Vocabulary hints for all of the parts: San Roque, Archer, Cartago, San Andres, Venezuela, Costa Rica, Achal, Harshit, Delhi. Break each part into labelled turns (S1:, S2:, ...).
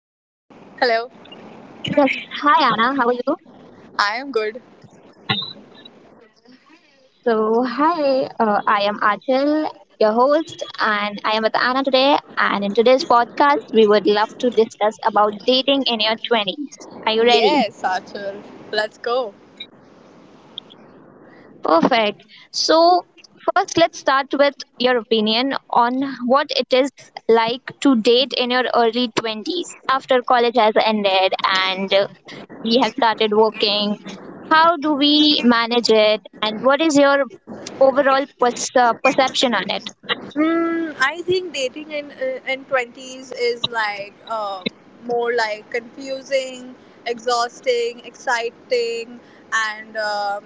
S1: Hi, Anna. How are you?
S2: I am good.
S1: So, hi. I am Achal, your host, and I am with Anna today. And in today's podcast, we would love to discuss about dating in your 20s. Are you ready?
S2: Yes, Achal, let's go.
S1: Perfect. So, first, let's start with your opinion on what it is like to date in your early 20s after college has ended and we have started working? How do we manage it? And what is your overall perception on it?
S2: I think dating in twenties is like more like confusing, exhausting, exciting, and um,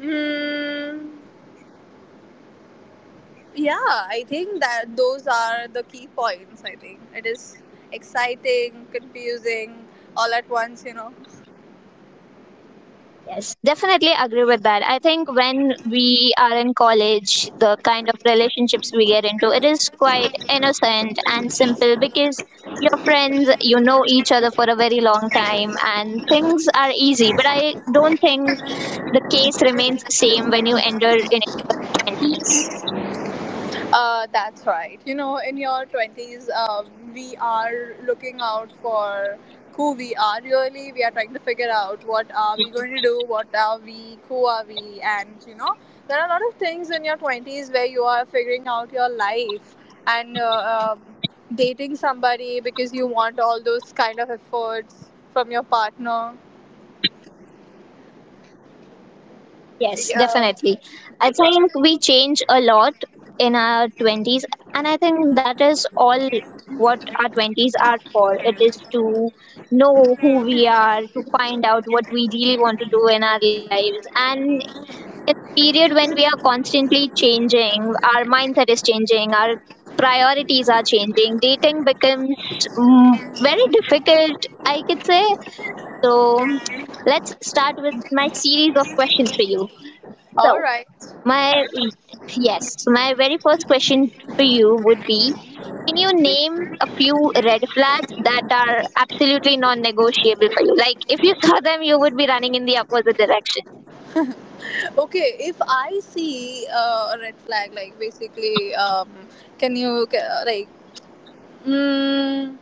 S2: mm, yeah, I think that those are the key points. I think it is exciting, confusing, all at once. You know.
S1: Yes, definitely agree with that. I think when we are in college, the kind of relationships we get into, it is quite innocent and simple because your friends you know each other for a very long time and things are easy, but I don't think the case remains same when you enter in your 20s.
S2: That's right. You know, in your 20s, we are looking out for who we are really. We are trying to figure out what are we going to do, what are we, who are we, and you know, there are a lot of things in your 20s where you are figuring out your life and dating somebody because you want all those kind of efforts from your partner.
S1: Yes,
S2: Yeah.
S1: definitely. I think we change a lot in our 20s, and I think that is all what our 20s are for. It is to know who we are, to find out what we really want to do in our lives. And period when we are constantly changing, our mindset is changing, our priorities are changing, dating becomes mm, very difficult, I could say. So let's start with my series of questions for you. So,
S2: All right.
S1: my yes, so my very first question for you would be: Can you name a few red flags that are absolutely non-negotiable for you? Like if you saw them, you would be running in the opposite direction.
S2: Okay, if I see a red flag, like can you ca- like mm,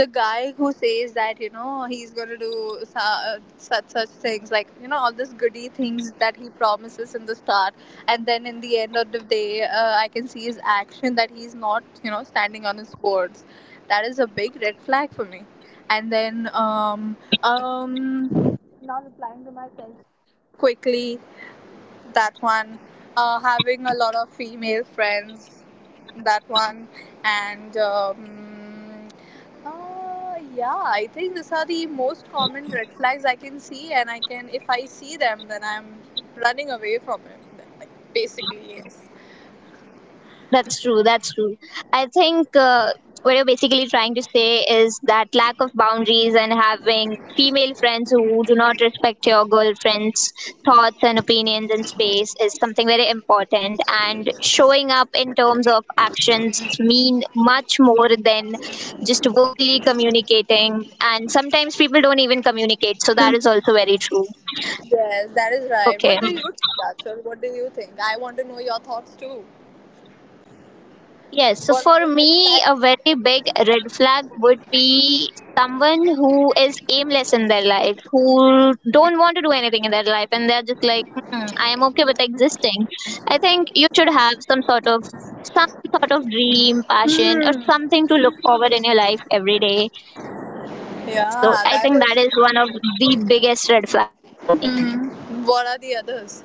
S2: the guy who says that you know he's gonna do such things, like you know all these goody things that he promises in the start, and then in the end of the day, I can see his action that he's not you know standing on his words. That is a big red flag for me. And then um Not replying to my text quickly, that one. Uh, having a lot of female friends, that one. And Yeah, I think these are the most common red flags I can see, and I can if I see them, then I'm running away from it, like basically, yes.
S1: That's true. That's true. I think what you're basically trying to say is that lack of boundaries and having female friends who do not respect your girlfriend's thoughts and opinions in space is something very important. And showing up in terms of actions mean much more than just verbally communicating. And sometimes people don't even communicate. So that is also very true.
S2: Yes, that is right. What do you think, Achal? What do you think? I want to know your thoughts too.
S1: Yes, so
S2: What are the
S1: for me,
S2: red
S1: a very big red flag would be someone who is aimless in their life, who don't want to do anything in their life, and they're just like, hmm, I am okay with existing. I think you should have some sort of some dream, passion, or
S2: flags?
S1: something to look forward in your life every day.
S2: Hmm,
S1: So
S2: yeah,
S1: I
S2: that
S1: think
S2: is.
S1: that is one of the biggest red flags for me.
S2: Hmm. What are the others?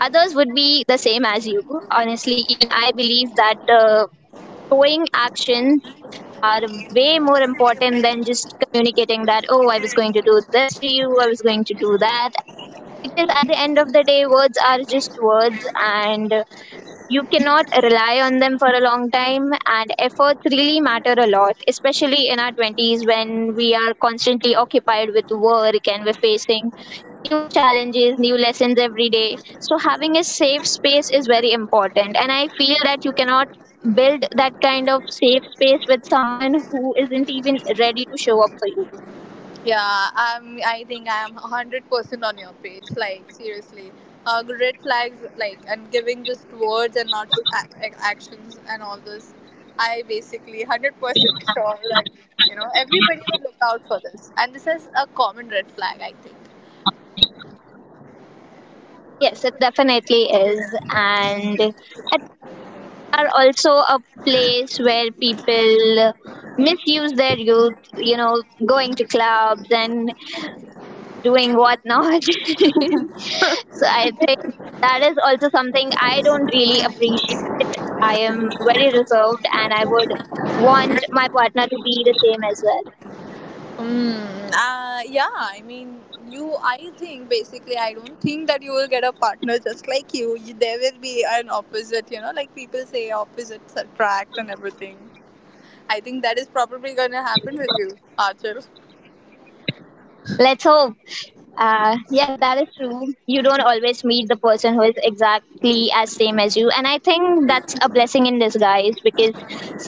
S1: Others would be the same as you. Honestly, even I believe that showing actions are way more important than just communicating that, oh, I was going to do this for you, I was going to do that. Because at the end of the day, words are just words, and you cannot rely on them for a long time, and efforts really matter a lot, especially in our 20s when we are constantly occupied with work and we're facing new challenges, new lessons every day. So having a safe space is very important, and I feel that you cannot build that kind of safe space with someone who isn't even ready to show up for you.
S2: Yeah, I think I am 100% on your page. Like, seriously. Red flags, like, and giving just words and not a- ac- actions and all this. I basically 100% sure that, you know, everybody will look out for this. And this is a common red flag, I think.
S1: Yes, it definitely is. And I are also a place where people misuse their youth, going to clubs and doing whatnot. I think that is also something I don't really appreciate. I am very reserved and I would want partner to be the same as well.
S2: Yeah, I mean, I think basically, I don't think that you will get a partner just like you. There will be an opposite, you know, like people say opposites attract and everything. I think that is probably gonna happen with you, Archer.
S1: Let's hope. Yes, that is true. You don't always meet the person who is exactly as same as you, and I think that's a blessing in disguise because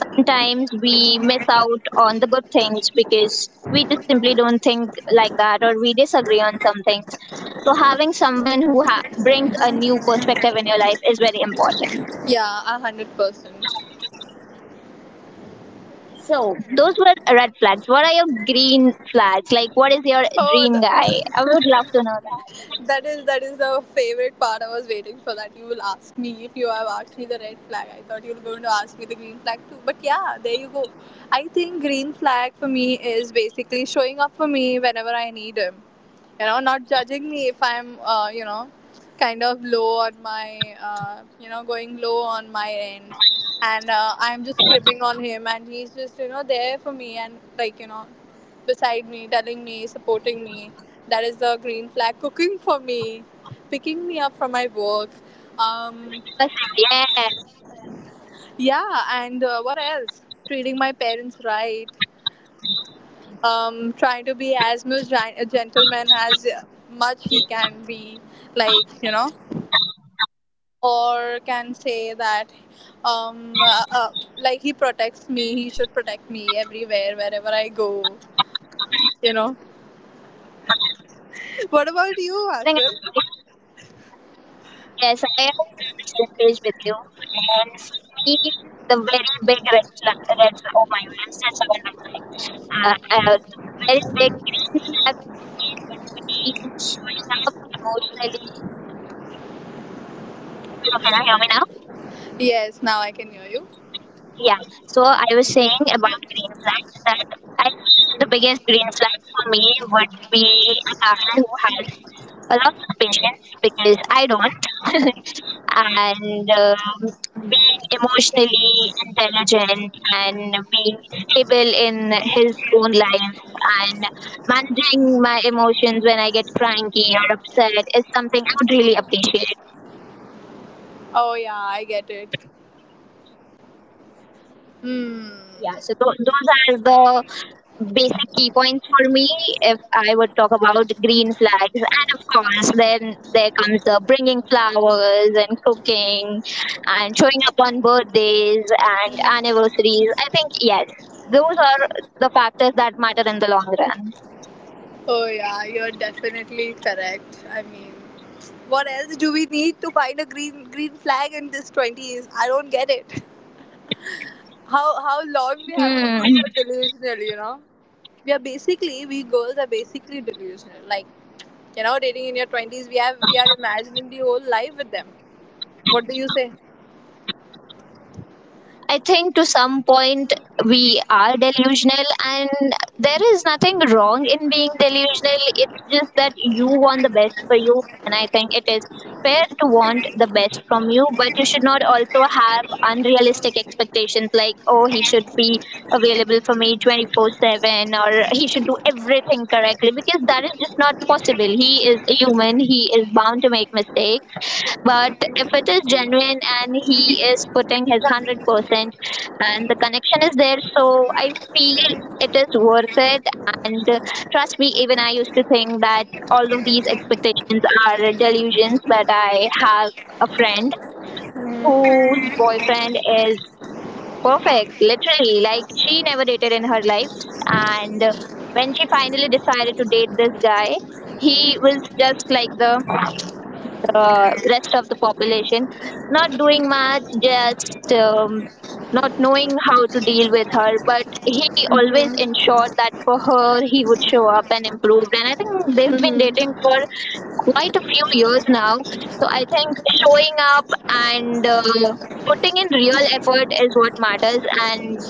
S1: sometimes we miss out on the good things because we just simply don't think like that or we disagree on something. So having someone who brings a new perspective in your life is very important.
S2: Yeah, 100%.
S1: So those were red flags. What are your green flags? Like, what is your
S2: Oh,
S1: dream guy? I would love to know that.
S2: that is the favorite part. I was waiting for that. You will ask me if you have asked me the red flag. I thought you were going to ask me the green flag too. But yeah, there you go. I think green flag for me is basically showing up for me whenever I need him. You know, not judging me if I'm you know kind of low on my, you know, going low on my end, and I'm just cribbing on him, and he's just you know there for me, and like you know beside me, telling me, supporting me. That is the green flag. Cooking for me, picking me up from my work.
S1: Person,
S2: Um,
S1: yeah.
S2: yeah, and what else? Treating my parents right. Trying to be as much a gentleman as much he can be. Like you know, or can say that, um, uh, uh, like he protects me. He should protect me everywhere, wherever I go. You know. What about you, Archer?
S1: Yes, I am on the same page with you. And for me, the very big red flag, oh my, I'm still second red flag. Uh, the very big flag is showing up emotionally. So can you hear me now?
S2: Yes, now I can hear you.
S1: Yeah. So I was saying about green flag that I feel the biggest green flag for me would be a guy who has a lot of patience, because I don't. And being emotionally intelligent and being stable in his own life and managing my emotions when I get cranky or upset is something I would really appreciate.
S2: Oh yeah, I get it. Hmm.
S1: Yeah, so those are the basic key points for me if I would talk about green flags. And of course, then there comes the bringing flowers and cooking and showing up on birthdays and anniversaries. I think, yes, those are the factors that matter in the long run.
S2: Oh yeah, you're definitely correct. I mean, what else do we need to find a green flag in this 20s? I don't get it. How
S1: Hmm.
S2: long we have to be so delusional, you know? We are basically, we girls are basically delusional. Like, you know, dating in your 20s, we are imagining the whole life with them. What do you say?
S1: I think to some point we are delusional, and there is nothing wrong in being delusional. It's just that you want the best for you, and I think it is fair to want the best from you, but you should not also have unrealistic expectations like, oh, he should be available for me 24/7 or he should do everything correctly, because that is just not possible. He is a human, he is bound to make mistakes, but if it is genuine and he is putting his 100% and the connection is there, so I feel it is worth it. And trust me, even I used to think that all of these expectations are delusions, but I have a friend whose boyfriend is perfect, literally. Like, she never dated in her life. And when she finally decided to date this guy, he was just like the rest of the population, not doing much, just not knowing how to deal with her, but he always ensured that for her he would show up and improve. And I think they've been
S2: Mm-hmm.
S1: dating for quite a few years now. So I think showing up and putting in real effort is what matters, and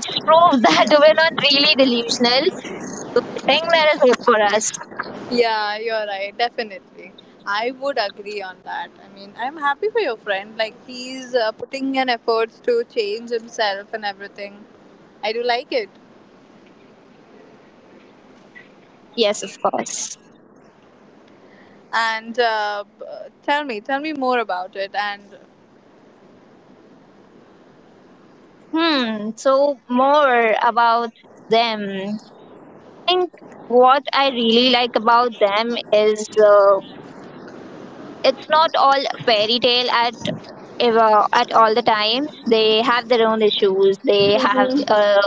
S1: it just proves that we're not really delusional. So I think there is hope for us.
S2: Yeah, you're right. Definitely. I would agree on that. I mean, I'm happy for your friend. Like, he's putting in efforts to change himself and everything. I do like it.
S1: Yes, of course.
S2: And tell me more about it. And
S1: Hmm, so more about them. I think what I really like about them is it's not all fairy tale at ever at all the times. They have their own issues. They have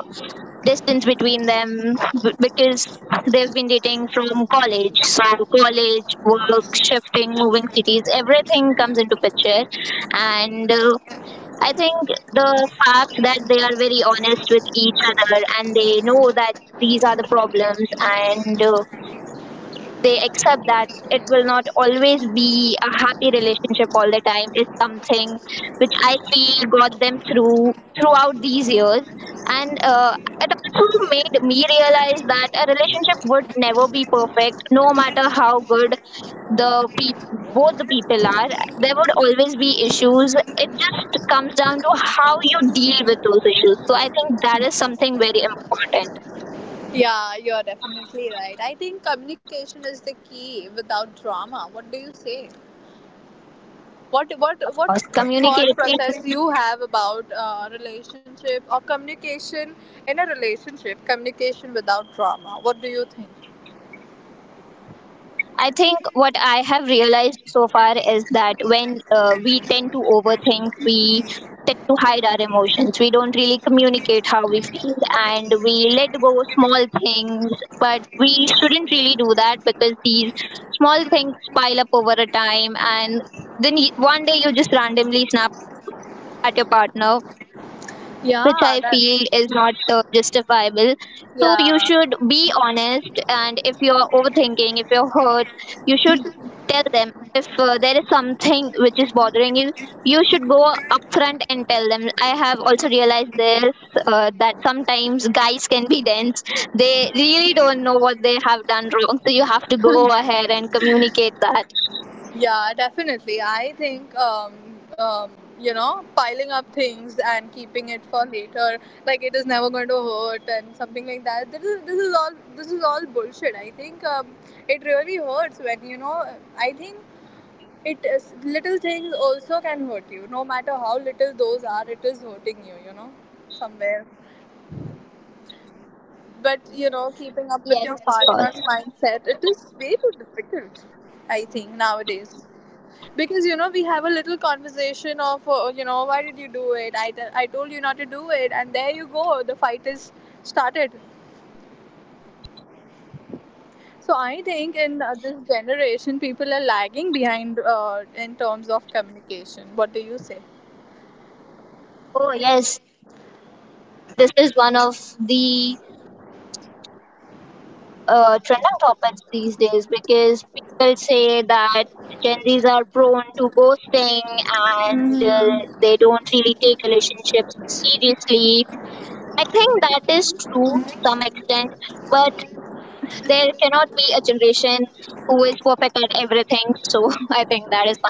S1: distance between them because they've been dating from college. So college, work, shifting, moving cities, everything comes into picture, and I think the fact that they are very honest with each other and they know that these are the problems, and they accept that it will not always be a happy relationship all the time is something which I feel got them through throughout these years. And it also made me realize that a relationship would never be perfect, no matter how good the pe- both the people are, there would always be issues. It just comes down to how you deal with those issues. So I think that is something very important.
S2: yeah, you're definitely right. I think communication is the key without drama. What do you say?
S1: Of
S2: What
S1: course,
S2: thought
S1: communicating.
S2: process you have about relationship or communication in a relationship, communication without drama? What do you think?
S1: I think what I have realized so far is that when we tend to overthink, we tend to hide our emotions. We don't really communicate how we feel and we let go of small things, but we shouldn't really do that because these small things pile up over a time, and then one day you just randomly snap at your partner, which I
S2: Yeah,
S1: feel
S2: that.
S1: is not justifiable. So you
S2: Yeah.
S1: should be honest, and if you're overthinking, if you're hurt, you should tell them. If there is something which is bothering you, you should go upfront and tell them. I have also realized this, that sometimes guys can be dense. They really don't know what they have done wrong, so you have to go ahead and communicate that.
S2: Yeah, definitely. I think um, you know, piling up things and keeping it for later, like it is never going to hurt and something like that. This is all bullshit. I think It really hurts, when you know. I think it is, little things also can hurt you. No matter how little those are, it is hurting you. You know, somewhere. But you know,
S1: Yes. Of
S2: keeping up
S1: course.
S2: with your partner's mindset, it is way too difficult. I think nowadays because you know we have a little conversation of you know, why did you do it, I told you not to do it, and there you go, the fight is started. So I think in this generation, people are lagging behind in terms of communication. What do you say?
S1: Oh, yes. This is one of the trending topics these days because people say that Gen Zs are prone to ghosting and they don't really
S2: Mhm.
S1: take relationships seriously. I think that is true to some extent, but there cannot be a generation who is perfect at everything. So I think that is one thing.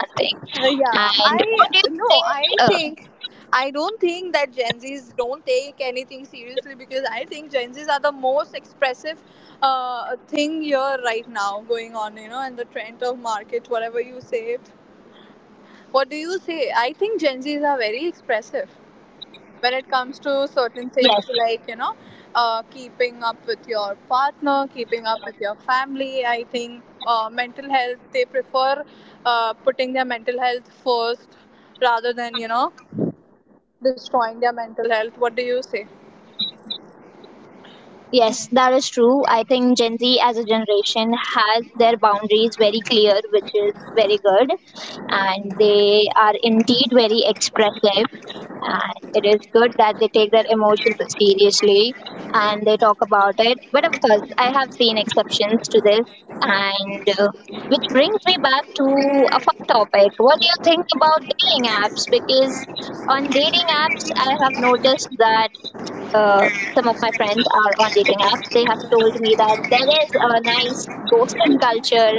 S1: And what do you think? Uh,
S2: I think I don't think that Gen Zs don't take anything seriously, because I think Gen Zs are the most expressive thing here right now going on, you know, and the trend of market, whatever you say. What do you say? I think Gen Zs are very expressive when it comes to certain
S1: yes,
S2: things, like you know keeping up with your partner, keeping up with your family. I think mental health, they prefer putting their mental health first rather than, you know, destroying their mental health. What do you say?
S1: yes, that is true. I think Gen Z as a generation has their boundaries very clear, which is very good, and they are indeed very expressive, and it is good that they take their emotions seriously and they talk about it. But of course, I've seen exceptions to this, and which brings me back to a fun topic. What do you think about dating apps? Because on dating apps I have noticed that, uh, some of my friends are on dating apps, they have told me that there is a nice ghosting culture,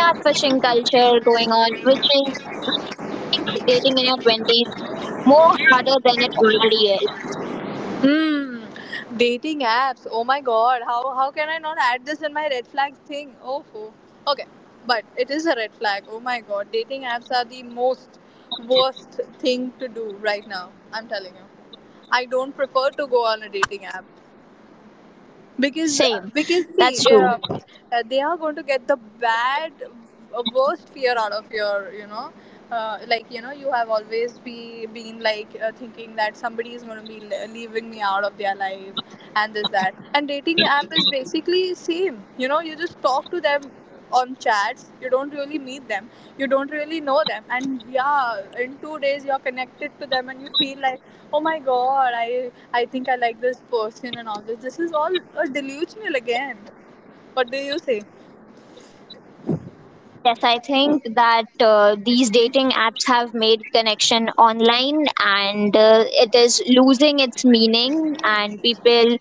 S1: catfishing culture going on, which is dating in your 20s more harder than it already is.
S2: Hmm. Dating apps. Oh my god. How can I not add this in my red flags thing? Oh. Oh. Okay. But it is a red flag. Oh my god. Dating apps are the most worst thing to do right now. I'm telling you. I don't prefer to go on a dating app
S1: Same,
S2: because
S1: that's true.
S2: see they are going to get the bad worst fear out of your, you know, like you know you have always be been like thinking that somebody is going to be leaving me out of their life, and this that, and dating app is basically same. You know, you just talk to them on chats, you don't really meet them, you don't really know them, and yeah, in 2 days you're connected to them and you feel like, oh my god, I think I like this person, and all this, this is all a delusional again. What do you say?
S1: Yes, I think that these dating apps have made connection online, and it is losing its meaning, and people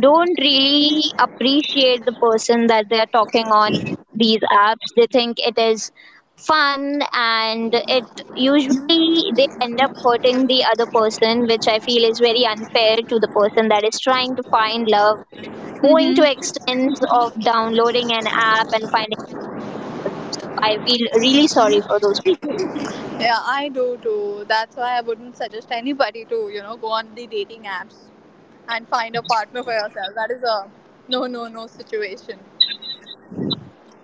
S1: don't really appreciate the person that they're talking on these apps. They think it is fun and it usually they end up hurting the other person, which I feel is very unfair to the person that is trying to find love, going to
S2: Mm-hmm.
S1: extents of downloading an app and finding. I feel really sorry for those people.
S2: Yeah, I do too. That's why I wouldn't suggest anybody to you know go on the dating apps and find a partner for yourself. That is a no, no, no situation.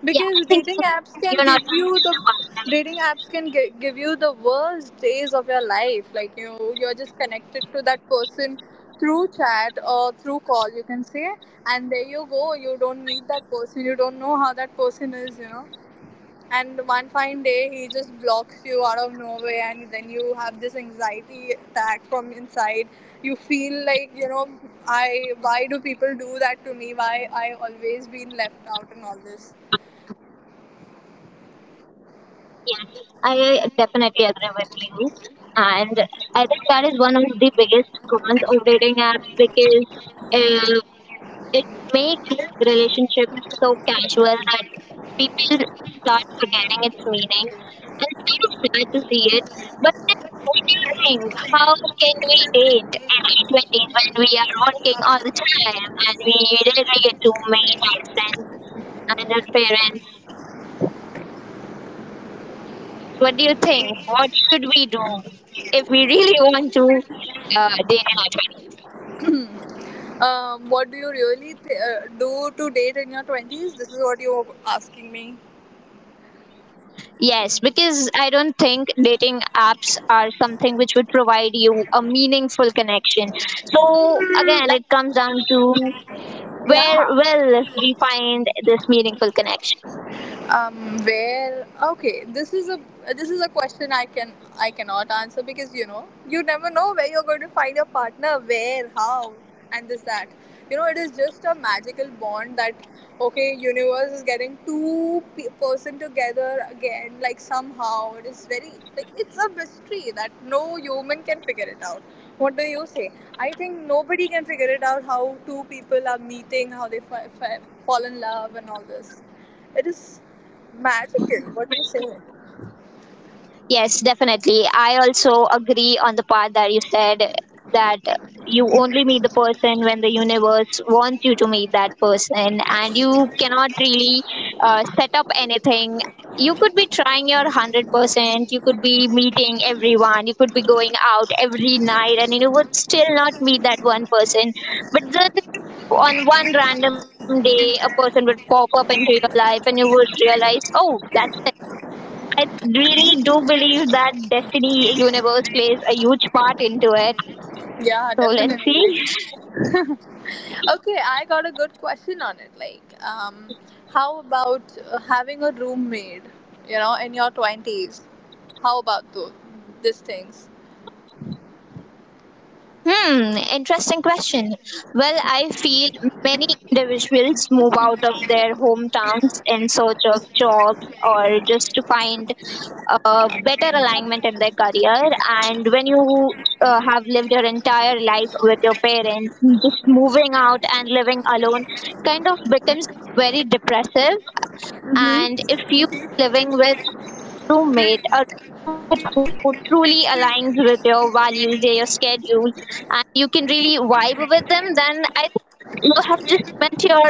S1: Yeah, I
S2: Because
S1: think
S2: dating apps can
S1: you're not
S2: give you the,
S1: about
S2: dating apps can give you the worst days of your life. Like, you're just connected to that person through chat or through call, you can say, and there you go, you don't meet that person, you don't know how that person is, you know. And one fine day he just blocks you out of nowhere, and then you have this anxiety attack from inside, you feel like, you know, I why do people do that to me, why I always been left out and all this.
S1: yeah. I definitely agree with you. And I think that is one of the biggest cons of dating apps because uh, it makes relationships so casual that people start forgetting its meaning. And it's kind of sad to see it. But then, what do you think? How can we date in our 20s when we are working all the time and we rarely get to meet our friends and our parents? What do you think? What should we do if we really want to date in our.
S2: What do you really do to date in your 20s? This is what you're asking me.
S1: Yes, because I don't think dating apps are something which would provide you a meaningful connection. So again, it's
S2: Like,
S1: down to where
S2: yeah.
S1: will we find this meaningful connection?
S2: Where? Okay, this is a, this is a question I can, I cannot answer, because you know you never know where you're going to find your partner, where, how, and this that. You know, it is just a magical bond that, okay, universe is getting two person together again. Like, somehow it is very, like, it's a mystery that no human can figure it out. What do you say? I think nobody can figure it out, how two people are meeting, how they fall in love, and all this. It is magical. What do you say?
S1: Yes, definitely. I also agree on the part that you said that you only meet the person when the universe wants you to meet that person, and you cannot really set up anything. You could be trying your 100%, you could be meeting everyone, you could be going out every night, and you would still not meet that one person. But then, on one random day, a person would pop up into your life, and you would realize, oh, that's. I really do believe that Destiny universe plays a huge part into it.
S2: Yeah,
S1: So let's see.
S2: definitely. Okay, I got a good question on it. Like, how about having a roommate? You know, in your twenties. How about those, these things?
S1: Hmm, interesting question. Well, I feel many individuals move out of their hometowns in search of jobs or just to find a better alignment in their career. And when you have lived your entire life with your parents, just moving out and living alone kind of becomes very depressive, and if living with roommate, a roommate who truly aligns with your values, your schedule, and
S2: Mm-hmm.
S1: you can really vibe with them, then I think you have just met your,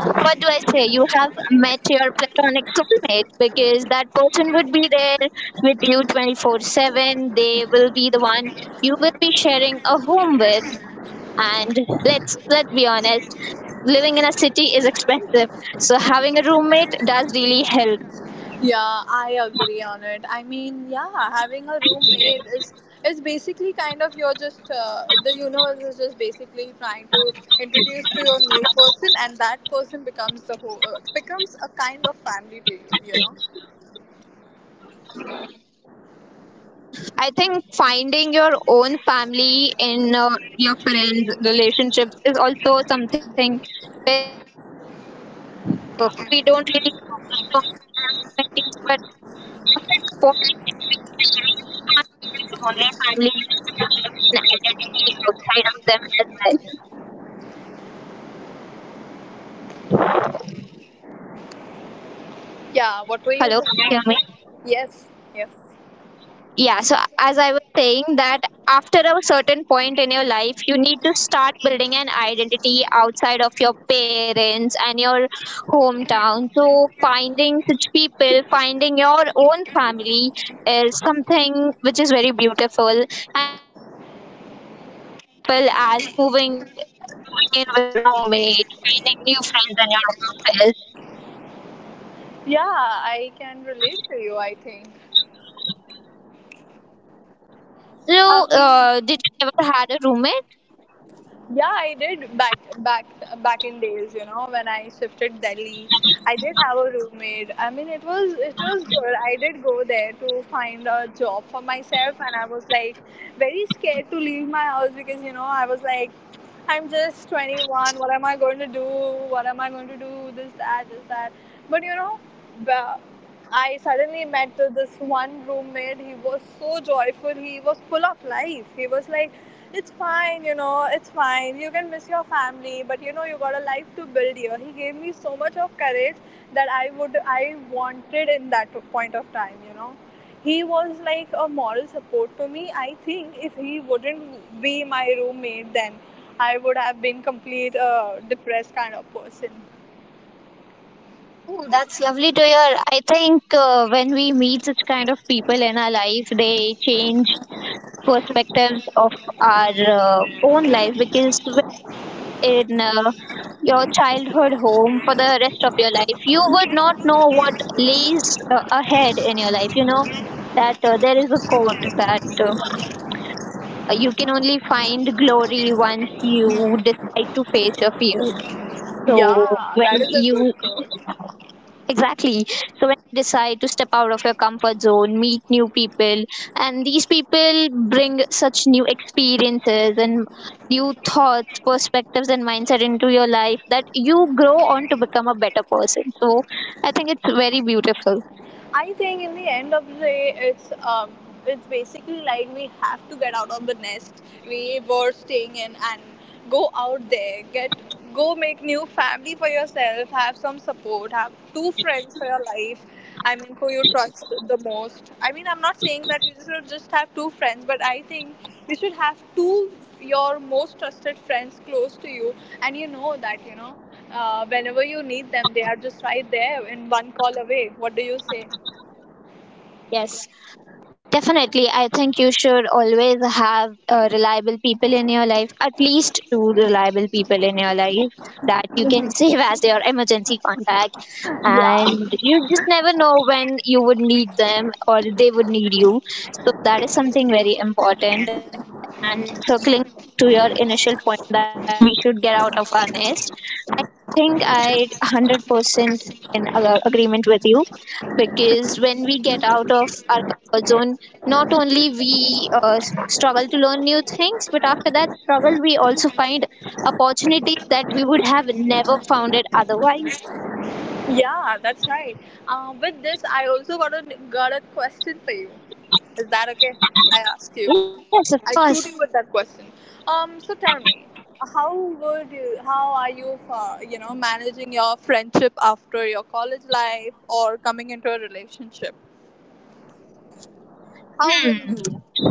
S1: what do I say, you have met your platonic soulmate, because that person would be there with you 24/7. They will be the one you will be sharing a home with. And let's be honest, living in a city is expensive. So having a roommate does really help.
S2: Yeah, I agree on it. I mean, yeah, having a roommate is basically kind of, you're just the universe is just basically trying to introduce to your new person, and that person becomes the whole becomes a kind of family to you. You know?
S1: I think finding your own family in your friends' relationships is also something we don't really talk about in, but after the first only family, you identity outside of them as well.
S2: Yeah. What were you
S1: Hello, can
S2: saying,
S1: you hear me?
S2: Harshit? Yes. Yes.
S1: Yeah, so as I was saying, that after a certain point in your life you need to start building an identity outside of your parents and your hometown, so finding such people, finding your own family, is something which is very beautiful, as moving in with a roommate, finding new friends in your office.
S2: Yeah, I can relate to you, I think.
S1: So
S2: Um.
S1: you ever had a roommate?
S2: Yeah, I did, back in days, you know, when I shifted Delhi. I did have a roommate. I mean, it was good. I did go there to find a job for myself and I was like, very scared to leave my house because, you know, I was like I'm just 21. What am I going to do? What am I going to do? This that this that. But ba- I suddenly met this one roommate. He was so joyful. He was full of life. He was like it's fine, you know, it's fine. You can miss your family, but you know, you got a life to build here. He gave me so much of courage that I wanted in that point of time, you know. He was like a moral support to me. I think if he wouldn't be my roommate, then I would have been complete depressed kind of person.
S1: Oh, that's lovely to hear. I think when we meet such kind of people in our life, they change perspectives of our own life, because in your childhood home for the rest of your life, you would not know what lays ahead in your life. You know that there is a quote that you can only find glory once you to face your fears. So
S2: Yeah,
S1: when
S2: that is a good
S1: you.
S2: quote.
S1: Exactly. So when you decide to step out of your comfort zone, meet new people, and these people bring such new experiences and new thoughts, perspectives, and mindset into your life, that you grow on to become a better person. So I think it's very beautiful.
S2: I think in the end of the day, it's it's basically like we have to get out of the nest we were staying in and go out there, get, go make new family for yourself, have some support, have two friends for your life. I mean, who you trust the most. I mean, I'm not saying that you should just have two friends, but I think you should have two your most trusted friends close to you, and you know that whenever you need them, they are just right there in one call away. What do you say?
S1: Yes. Definitely, I think you should always have reliable people in your life, at least two reliable people in your life that you can save as your emergency contact.
S2: Yeah,
S1: And you just never know when you would need them or they would need you. So, that is something very important. And circling to your initial point that we should get out of our nest, I think I 100% in agreement with you, because when we get out of our comfort zone, not only we struggle to learn new things, but after that struggle we also find opportunities that we would have never found it otherwise.
S2: yeah, that's right. With this, I also got a question for you. Is that okay? I ask you.
S1: Yes, of
S2: I
S1: course.
S2: shoot you with that question. So tell me, how how are you, for, you know, managing your friendship after your college life or coming into a relationship? How will you?
S1: Hmm.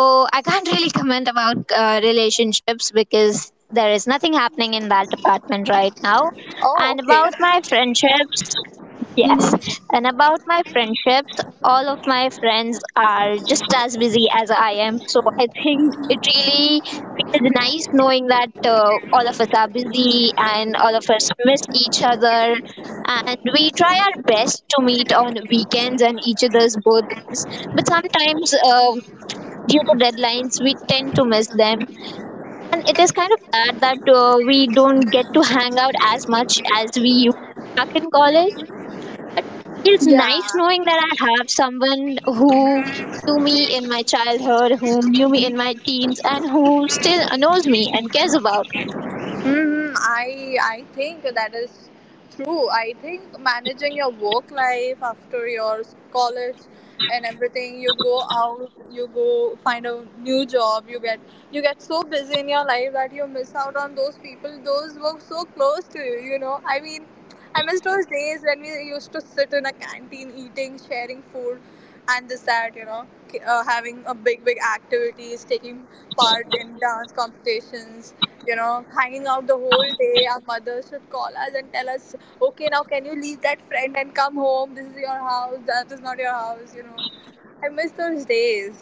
S1: So I can't really comment about relationships, because there is nothing happening in that department right now.
S2: Oh,
S1: And
S2: okay.
S1: about my friendship. Yes.
S2: Mm-hmm.
S1: And about my friendships, all of my friends are just as busy as I am. So I think it really feels nice knowing that all of us are busy and all of us miss each other. And we try our best to meet on weekends and each other's birthdays. But sometimes, due to deadlines, we tend to miss them. And it is kind of sad that we don't get to hang out as much as we used back in college. It's
S2: Yeah.
S1: nice knowing that I have someone who knew me in my childhood, who knew me in my teens, and who still knows me and cares about me.
S2: I think that is true. I think managing your work life after your college and everything, you go out, you go find a new job, you get so busy in your life that you miss out on those people. Those were so close to you. You know, I mean, I miss those days when we used to sit in a canteen eating, sharing food, and this that you know, having a big activities, taking part in dance competitions you know, hanging out the whole day. Our mothers should call us and tell us, okay, now can you leave that friend and come home? This is your house, that is not your house, you know. I miss those days.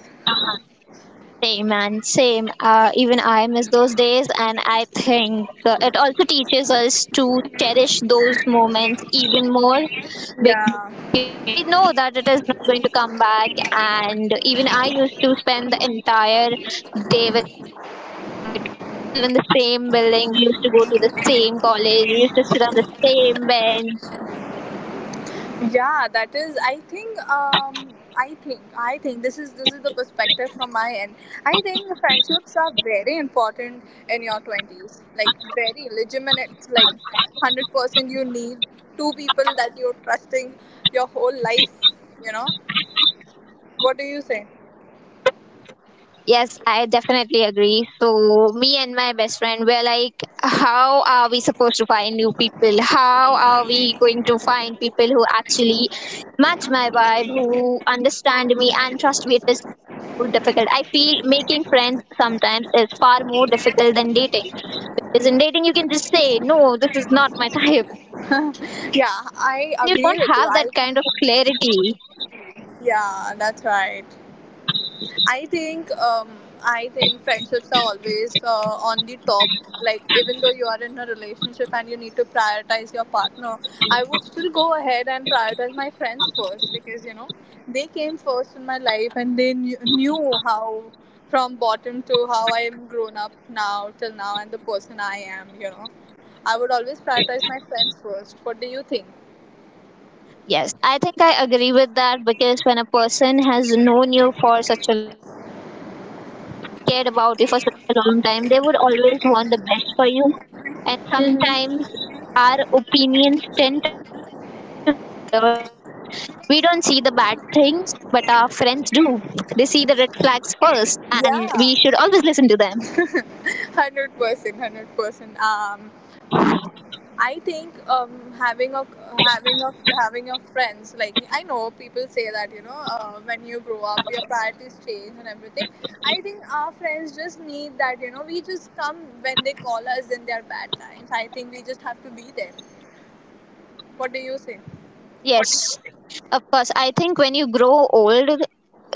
S1: Same and same. Even I miss those days, and I think it also teaches us to cherish those moments even more,
S2: Yeah.
S1: because we know that it is not going to come back. And even I used to spend the entire day with my best friend, because we used to live in the same building, we used to go to the same college, we used to sit on the same bench.
S2: Yeah, that is. I think this is the perspective from my end. I think friendships are very important in your twenties. Like very legitimate. Like 100%, you need two people that you're trusting your whole life. You know. What do you say?
S1: Yes, I definitely agree. So me and my best friend were like, how are we supposed to find new people, how are we going to find people who actually match my vibe, who understand me and trust me? It is more difficult. I feel making friends sometimes is far more difficult than dating. Because in dating, you can just say, no, this is not my type. But in
S2: Yeah,
S1: friendships, you
S2: I agree
S1: don't
S2: with you.
S1: have
S2: I.
S1: clarity.
S2: Yeah, that's right. I think um, I think friendships are always on the top. Like even though you are in a relationship and you need to prioritize your partner, I would still go ahead and prioritize my friends first because you know they came first in my life and knew how from bottom to how I am grown up now till now and the person I am. You know, I would always prioritize my friends first. What do you think?
S1: Yes, I think I agree with that, because when a person has known you for such, cared about you for such a long time, they would always want the best for you. And
S2: Mm-hmm.
S1: sometimes our opinions tend to get blurred, because we don't see the bad things, but our friends do. They see the red flags first, and we should always listen to them.
S2: Yeah, 100%, 100%. I think having a friends like I know people say that you know when you grow up your priorities change and everything. I think our friends just need that you know we just come when they call us in their bad times. I think we just have to be there. What do you say?
S1: Yes, of course. I think when you grow old,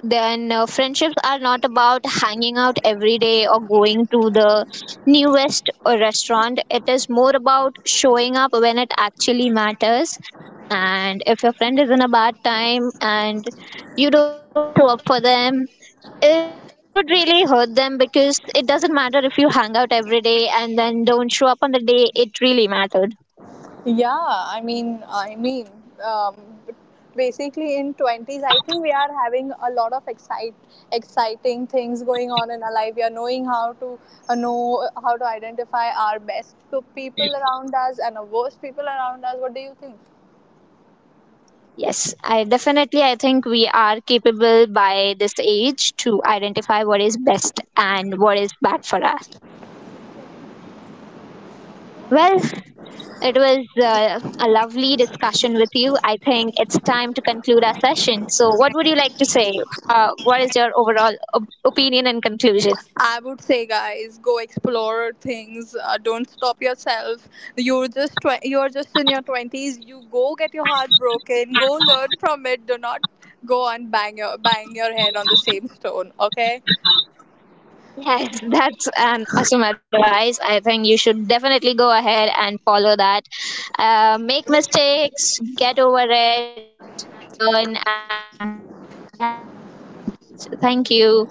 S1: then friendships are not about hanging out every day or going to the newest restaurant. It is more about showing up when it actually matters. And if your friend is in a bad time and you don't show up for them, it would really hurt them, because it doesn't matter if you hang out every day and then don't show up on the day it really mattered.
S2: Yeah, um, basically in twenties, I think we are having a lot of exciting things going on in our life. We are know how to identify our best people around us and our worst people around us. What do you think?
S1: Yes, I definitely, I think we are capable by this age to identify what is best and what is bad for us. Well, it was a lovely discussion with you. I think it's time to conclude our session. So, what would you like to say? What is your overall opinion and conclusion?
S2: I would say, guys, go explore things. Don't stop yourself. You're just you're just in your twenties. You go get your heart broken. Go learn from it. Do not go and bang your head on the same stone. Okay.
S1: Yes, that's an awesome advice. I think you should definitely go ahead and follow that. Make mistakes, get over it, learn, and stay happy. So, thank you.